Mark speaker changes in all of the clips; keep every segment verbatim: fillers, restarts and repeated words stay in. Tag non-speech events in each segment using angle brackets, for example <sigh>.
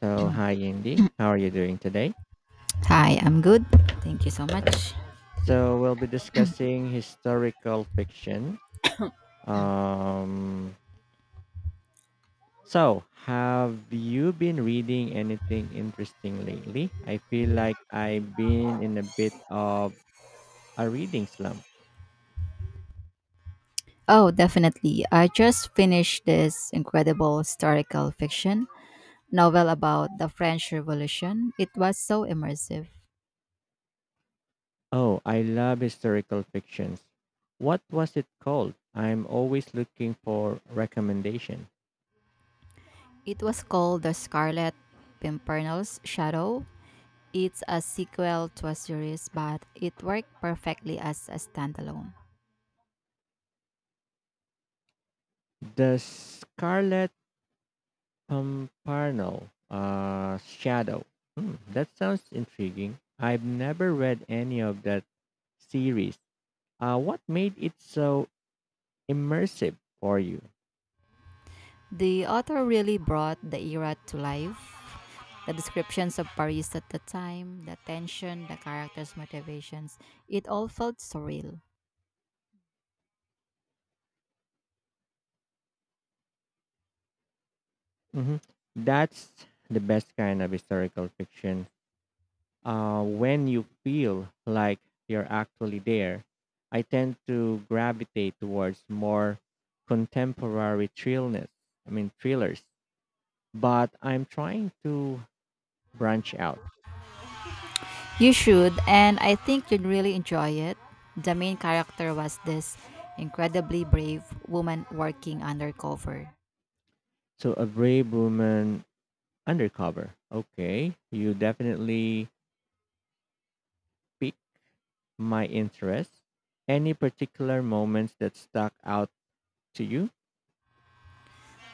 Speaker 1: So, hi, Indy. How are you doing today?
Speaker 2: Hi, I'm good. Thank you so
Speaker 1: Right.
Speaker 2: much.
Speaker 1: So, we'll be discussing historical fiction. Um, so, have you been reading anything interesting lately? I feel like I've been in a bit of a reading slump.
Speaker 2: Oh, definitely. I just finished this incredible historical fiction novel about the French Revolution. It was so immersive.
Speaker 1: Oh, I love historical fictions. What was it called? I'm always looking for recommendation.
Speaker 2: It was called The Scarlet Pimpernel's Shadow. It's a sequel to a series, but it worked perfectly as a standalone.
Speaker 1: The Scarlet Comparno uh, Shadow. Hmm, that sounds intriguing. I've never read any of that series. Uh, what made it so immersive for you?
Speaker 2: The author really brought the era to life. The descriptions of Paris at the time, the tension, the characters' motivations, it all felt surreal.
Speaker 1: hmm That's the best kind of historical fiction. Uh, when you feel like you're actually there, I tend to gravitate towards more contemporary thrillness. I mean thrillers. But I'm trying to branch out.
Speaker 2: You should, and I think you'd really enjoy it. The main character was this incredibly brave woman working undercover.
Speaker 1: So a brave woman undercover. Okay, you definitely piqued my interest. Any particular moments that stuck out to you?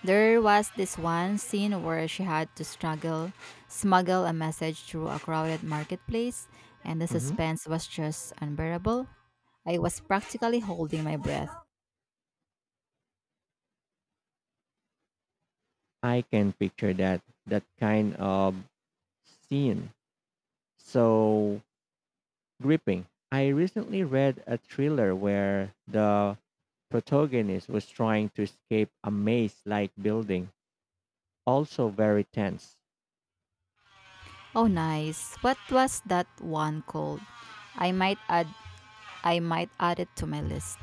Speaker 2: There was this one scene where she had to struggle, smuggle a message through a crowded marketplace, and the
Speaker 1: hmm
Speaker 2: suspense was just unbearable. I was practically holding my breath.
Speaker 1: I can picture that that kind of scene. So gripping. I recently read a thriller where the protagonist was trying to escape a maze-like building, also very tense.
Speaker 2: Oh nice. What was that one called? I might add I might add it to my list.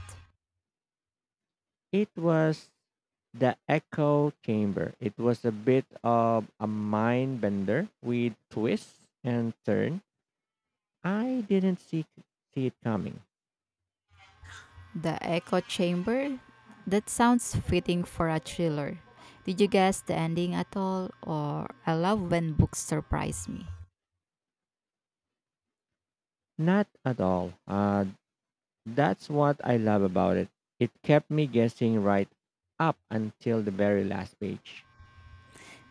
Speaker 1: It was the echo chamber. It was a bit of a mind bender with twists and turn. I didn't see see it coming.
Speaker 2: The Echo Chamber? That sounds fitting for a thriller. Did you guess the ending at all? Or I love when books surprise me.
Speaker 1: Not at all. Uh, that's what I love about it. It kept me guessing right up until the very last page.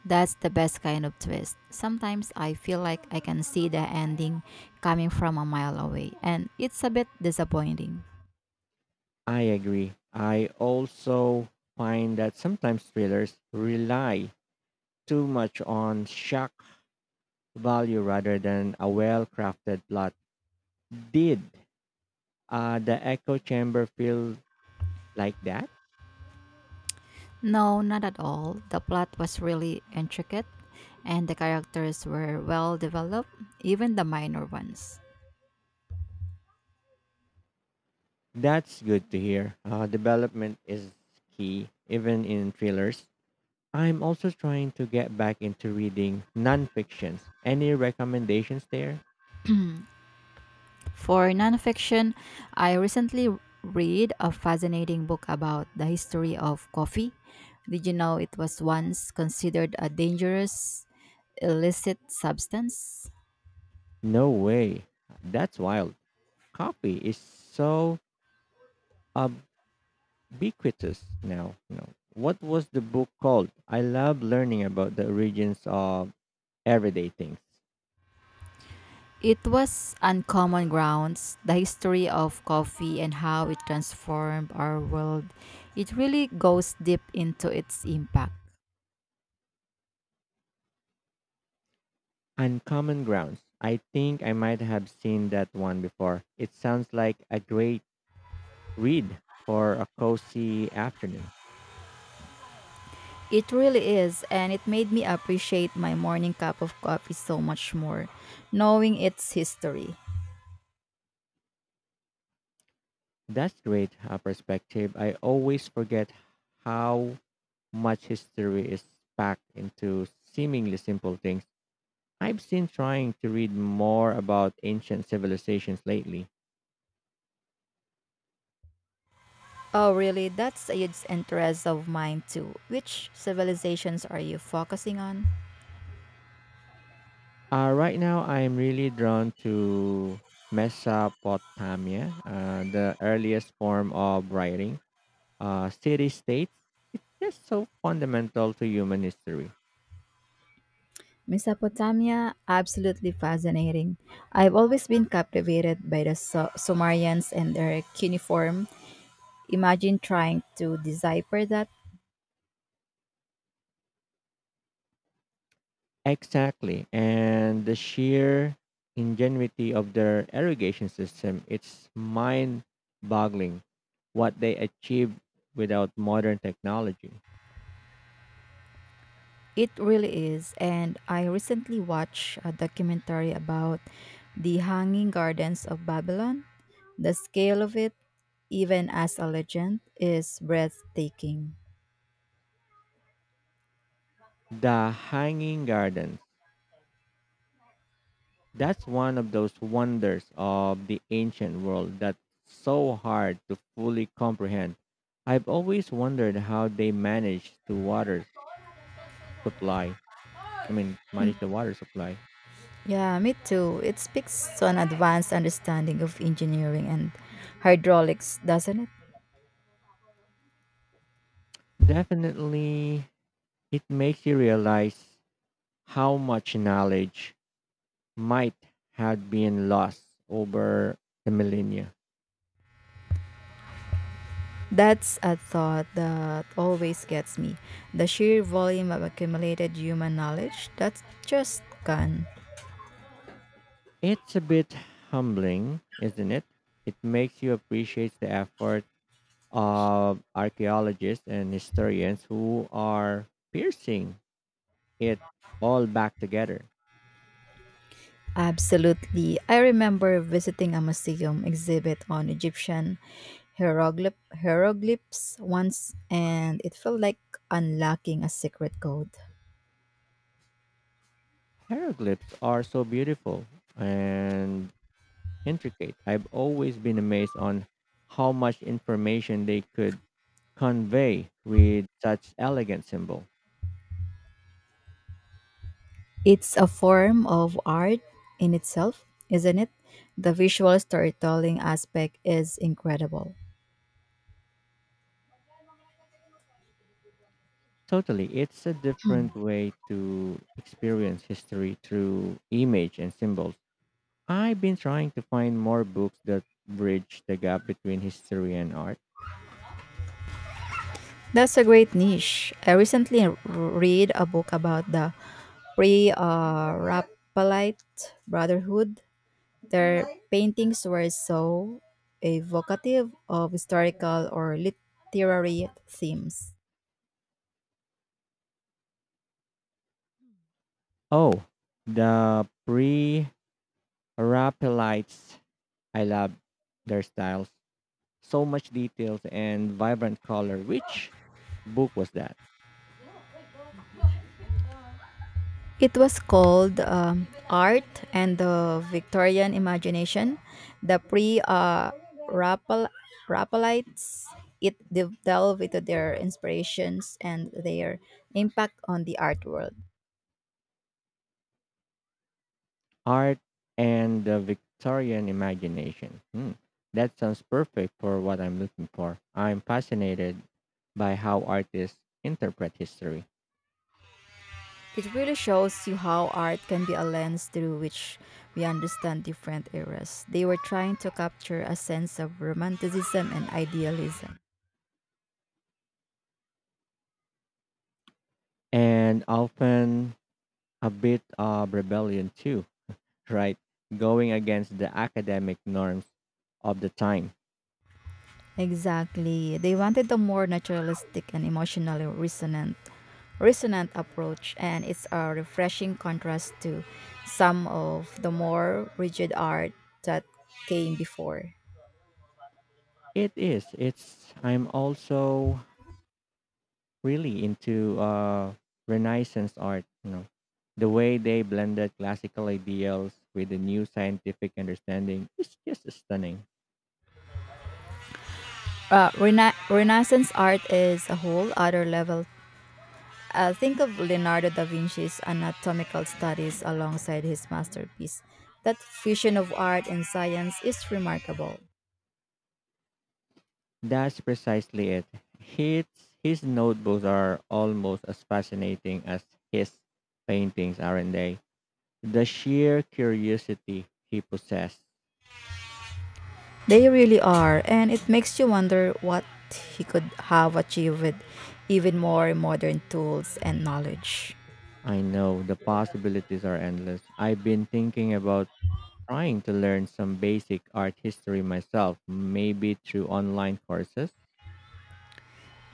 Speaker 2: That's the best kind of twist. Sometimes I feel like I can see the ending coming from a mile away, and it's a bit disappointing.
Speaker 1: I agree. I also find that sometimes thrillers rely too much on shock value rather than a well crafted plot. Did Uh, the echo chamber feel like that?
Speaker 2: No, not at all. The plot was really intricate, and the characters were well developed, even the minor ones.
Speaker 1: That's good to hear. Uh, development is key, even in thrillers. I'm also trying to get back into reading nonfictions. Any recommendations there?
Speaker 2: For nonfiction, I recently read a fascinating book about the history of coffee. Did you know it was once considered a dangerous illicit substance?
Speaker 1: No way. That's wild. Coffee is so ob- ubiquitous now. You know, what was the book called? I love learning about the origins of everyday things.
Speaker 2: It was Uncommon Grounds, the history of coffee and how it transformed our world. It really goes deep into its impact.
Speaker 1: Uncommon Grounds. I think I might have seen that one before. It sounds like a great read for a cozy afternoon.
Speaker 2: It really is, and it made me appreciate my morning cup of coffee so much more, knowing its history.
Speaker 1: That's great uh, perspective. I always forget how much history is packed into seemingly simple things. I've been trying to read more about ancient civilizations lately.
Speaker 2: Oh, really? That's a huge interest of mine too. Which civilizations are you focusing on?
Speaker 1: Uh, right now, I'm really drawn to Mesopotamia, uh, the earliest form of writing. Uh, City states, just so fundamental to human history.
Speaker 2: Mesopotamia, absolutely fascinating. I've always been captivated by the Su- Sumerians and their cuneiform. Imagine trying to decipher that.
Speaker 1: Exactly. And the sheer ingenuity of their irrigation system, it's mind boggling what they achieved without modern technology.
Speaker 2: It really is. And I recently watched a documentary about the Hanging Gardens of Babylon. The scale of it, even as a legend, is breathtaking.
Speaker 1: The Hanging Garden, that's one of those wonders of the ancient world that's so hard to fully comprehend. I've always wondered how they managed to water supply. I mean, manage the water supply.
Speaker 2: Yeah, me too. It speaks to an advanced understanding of engineering and hydraulics, doesn't it?
Speaker 1: Definitely, it makes you realize how much knowledge might have been lost over the millennia.
Speaker 2: That's a thought that always gets me. The sheer volume of accumulated human knowledge that's just gone.
Speaker 1: It's a bit humbling, isn't it? It makes you appreciate the effort of archaeologists and historians who are piercing it all back together.
Speaker 2: Absolutely. I remember visiting a museum exhibit on Egyptian hieroglyph- hieroglyphs once, and it felt like unlocking a secret code.
Speaker 1: Hieroglyphs are so beautiful and intricate. I've always been amazed on how much information they could convey with such elegant symbol.
Speaker 2: It's a form of art in itself, isn't it? The visual storytelling aspect is incredible.
Speaker 1: Totally, it's a different way to experience history through image and symbols. I've been trying to find more books that bridge the gap between history and art.
Speaker 2: That's a great niche. I recently r- read a book about the pre uh, Raphaelite Brotherhood. Their paintings were so evocative of historical or literary themes.
Speaker 1: Oh, the pre-Raphaelites. I love their styles. So much details and vibrant color. Which book was that?
Speaker 2: It was called um, Art and the Victorian Imagination. The pre uh, Rappel- Rappelites, it de- delved into their inspirations and their impact on the art world.
Speaker 1: Art and the Victorian Imagination. Hmm. That sounds perfect for what I'm looking for. I'm fascinated by how artists interpret history
Speaker 2: It really shows you how art can be a lens through which we understand different eras. They were trying to capture a sense of romanticism and idealism.
Speaker 1: and often a bit of rebellion too, right? Going against the academic norms of the time.
Speaker 2: Exactly. They wanted a more naturalistic and emotionally resonant resonant approach, and it's a refreshing contrast to some of the more rigid art that came before.
Speaker 1: It is. It's. I'm also really into uh, Renaissance art. You know, the way they blended classical ideals with a new scientific understanding is just stunning.
Speaker 2: Uh, rena- Renaissance art is a whole other level. Uh, think of Leonardo da Vinci's anatomical studies alongside his masterpiece. That fusion of art and science is remarkable.
Speaker 1: That's precisely it. His his notebooks are almost as fascinating as his paintings, aren't they? The sheer curiosity he possessed.
Speaker 2: They really are, and it makes you wonder what he could have achieved with even more modern tools and knowledge.
Speaker 1: I know the possibilities are endless. I've been thinking about trying to learn some basic art history myself, maybe through online courses.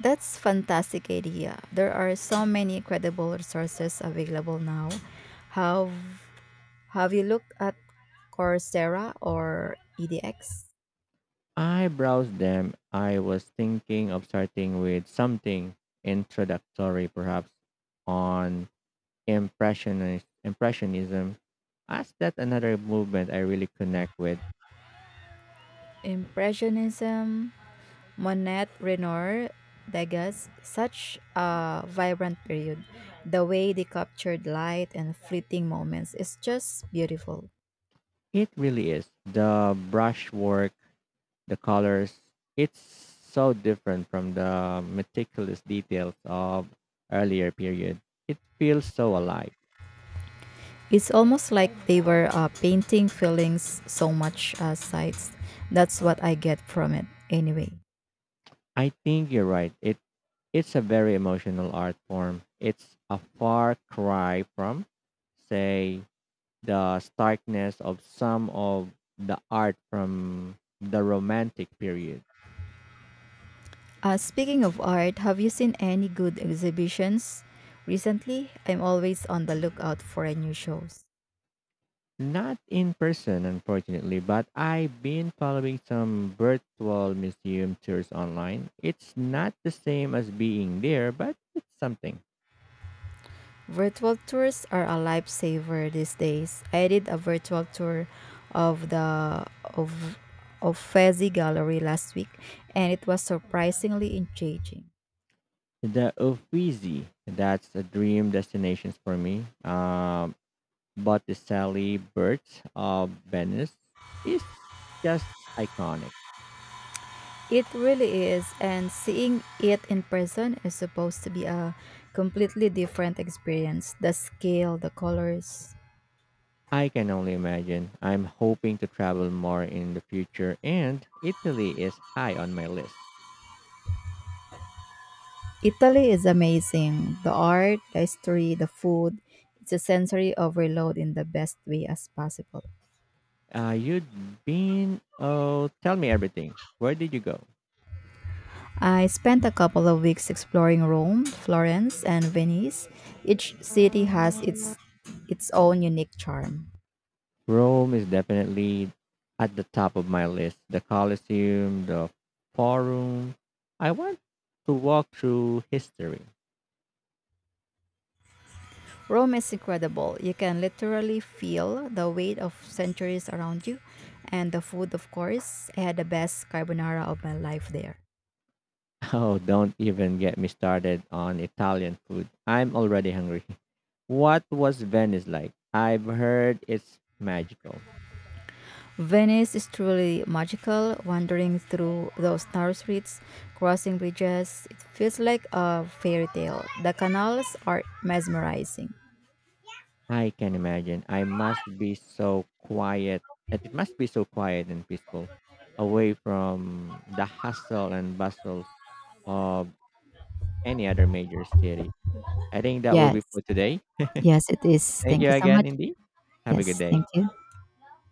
Speaker 2: That's fantastic idea. There are so many incredible resources available now. Have Have you looked at Coursera or E D X?
Speaker 1: I browsed them. I was thinking of starting with something introductory, perhaps on impressionist, impressionism, as that another movement I really connect with.
Speaker 2: Impressionism, Monet, Renoir, Degas, such a vibrant period. The way they captured light and fleeting moments is just beautiful.
Speaker 1: It really is the brushwork, the colors. It's so different from the meticulous details of earlier period. It feels so alive.
Speaker 2: It's almost like they were uh, painting feelings so much as sights. That's what I get from it, anyway.
Speaker 1: I think you're right. It it's a very emotional art form. It's a far cry from, say, the starkness of some of the art from the Romantic period.
Speaker 2: Uh, speaking of art, have you seen any good exhibitions recently? I'm always on the lookout for a new shows.
Speaker 1: Not in person, unfortunately, but I've been following some virtual museum tours online. It's not the same as being there, but it's something.
Speaker 2: Virtual tours are a lifesaver these days. I did a virtual tour of the of of Fezzi Gallery last week, and it was surprisingly engaging.
Speaker 1: The Uffizi, that's a dream destination for me. Um, Botticelli Birds of Venice is just iconic.
Speaker 2: It really is, and seeing it in person is supposed to be a completely different experience. The scale, the colors.
Speaker 1: I can only imagine. I'm hoping to travel more in the future, and Italy is high on my list.
Speaker 2: Italy is amazing. The art, the history, the food. It's a sensory overload in the best way as possible.
Speaker 1: Uh, you'd been, oh, tell me everything. Where did you go?
Speaker 2: I spent a couple of weeks exploring Rome, Florence, and Venice. Each city has its its own unique charm.
Speaker 1: Rome is definitely at the top of my list. The Colosseum, the Forum. I want to walk through history.
Speaker 2: Rome is incredible. You can literally feel the weight of centuries around you, and the food, of course. I had the best carbonara of my life there.
Speaker 1: <laughs> Oh, don't even get me started on Italian food. I'm already hungry. What was Venice like? I've heard it's magical.
Speaker 2: Venice is truly magical. Wandering through those narrow streets, crossing bridges, it feels like a fairy tale. The canals are mesmerizing.
Speaker 1: I can imagine. I must be so quiet. It it must be so quiet and peaceful, away from the hustle and bustle of any other major city. I think that will
Speaker 2: Yes.
Speaker 1: be for today.
Speaker 2: Yes, it is.
Speaker 1: Thank
Speaker 2: Thank
Speaker 1: you
Speaker 2: you so
Speaker 1: again,
Speaker 2: much.
Speaker 1: Indy. Have a good
Speaker 2: Yes,
Speaker 1: day.
Speaker 2: thank you.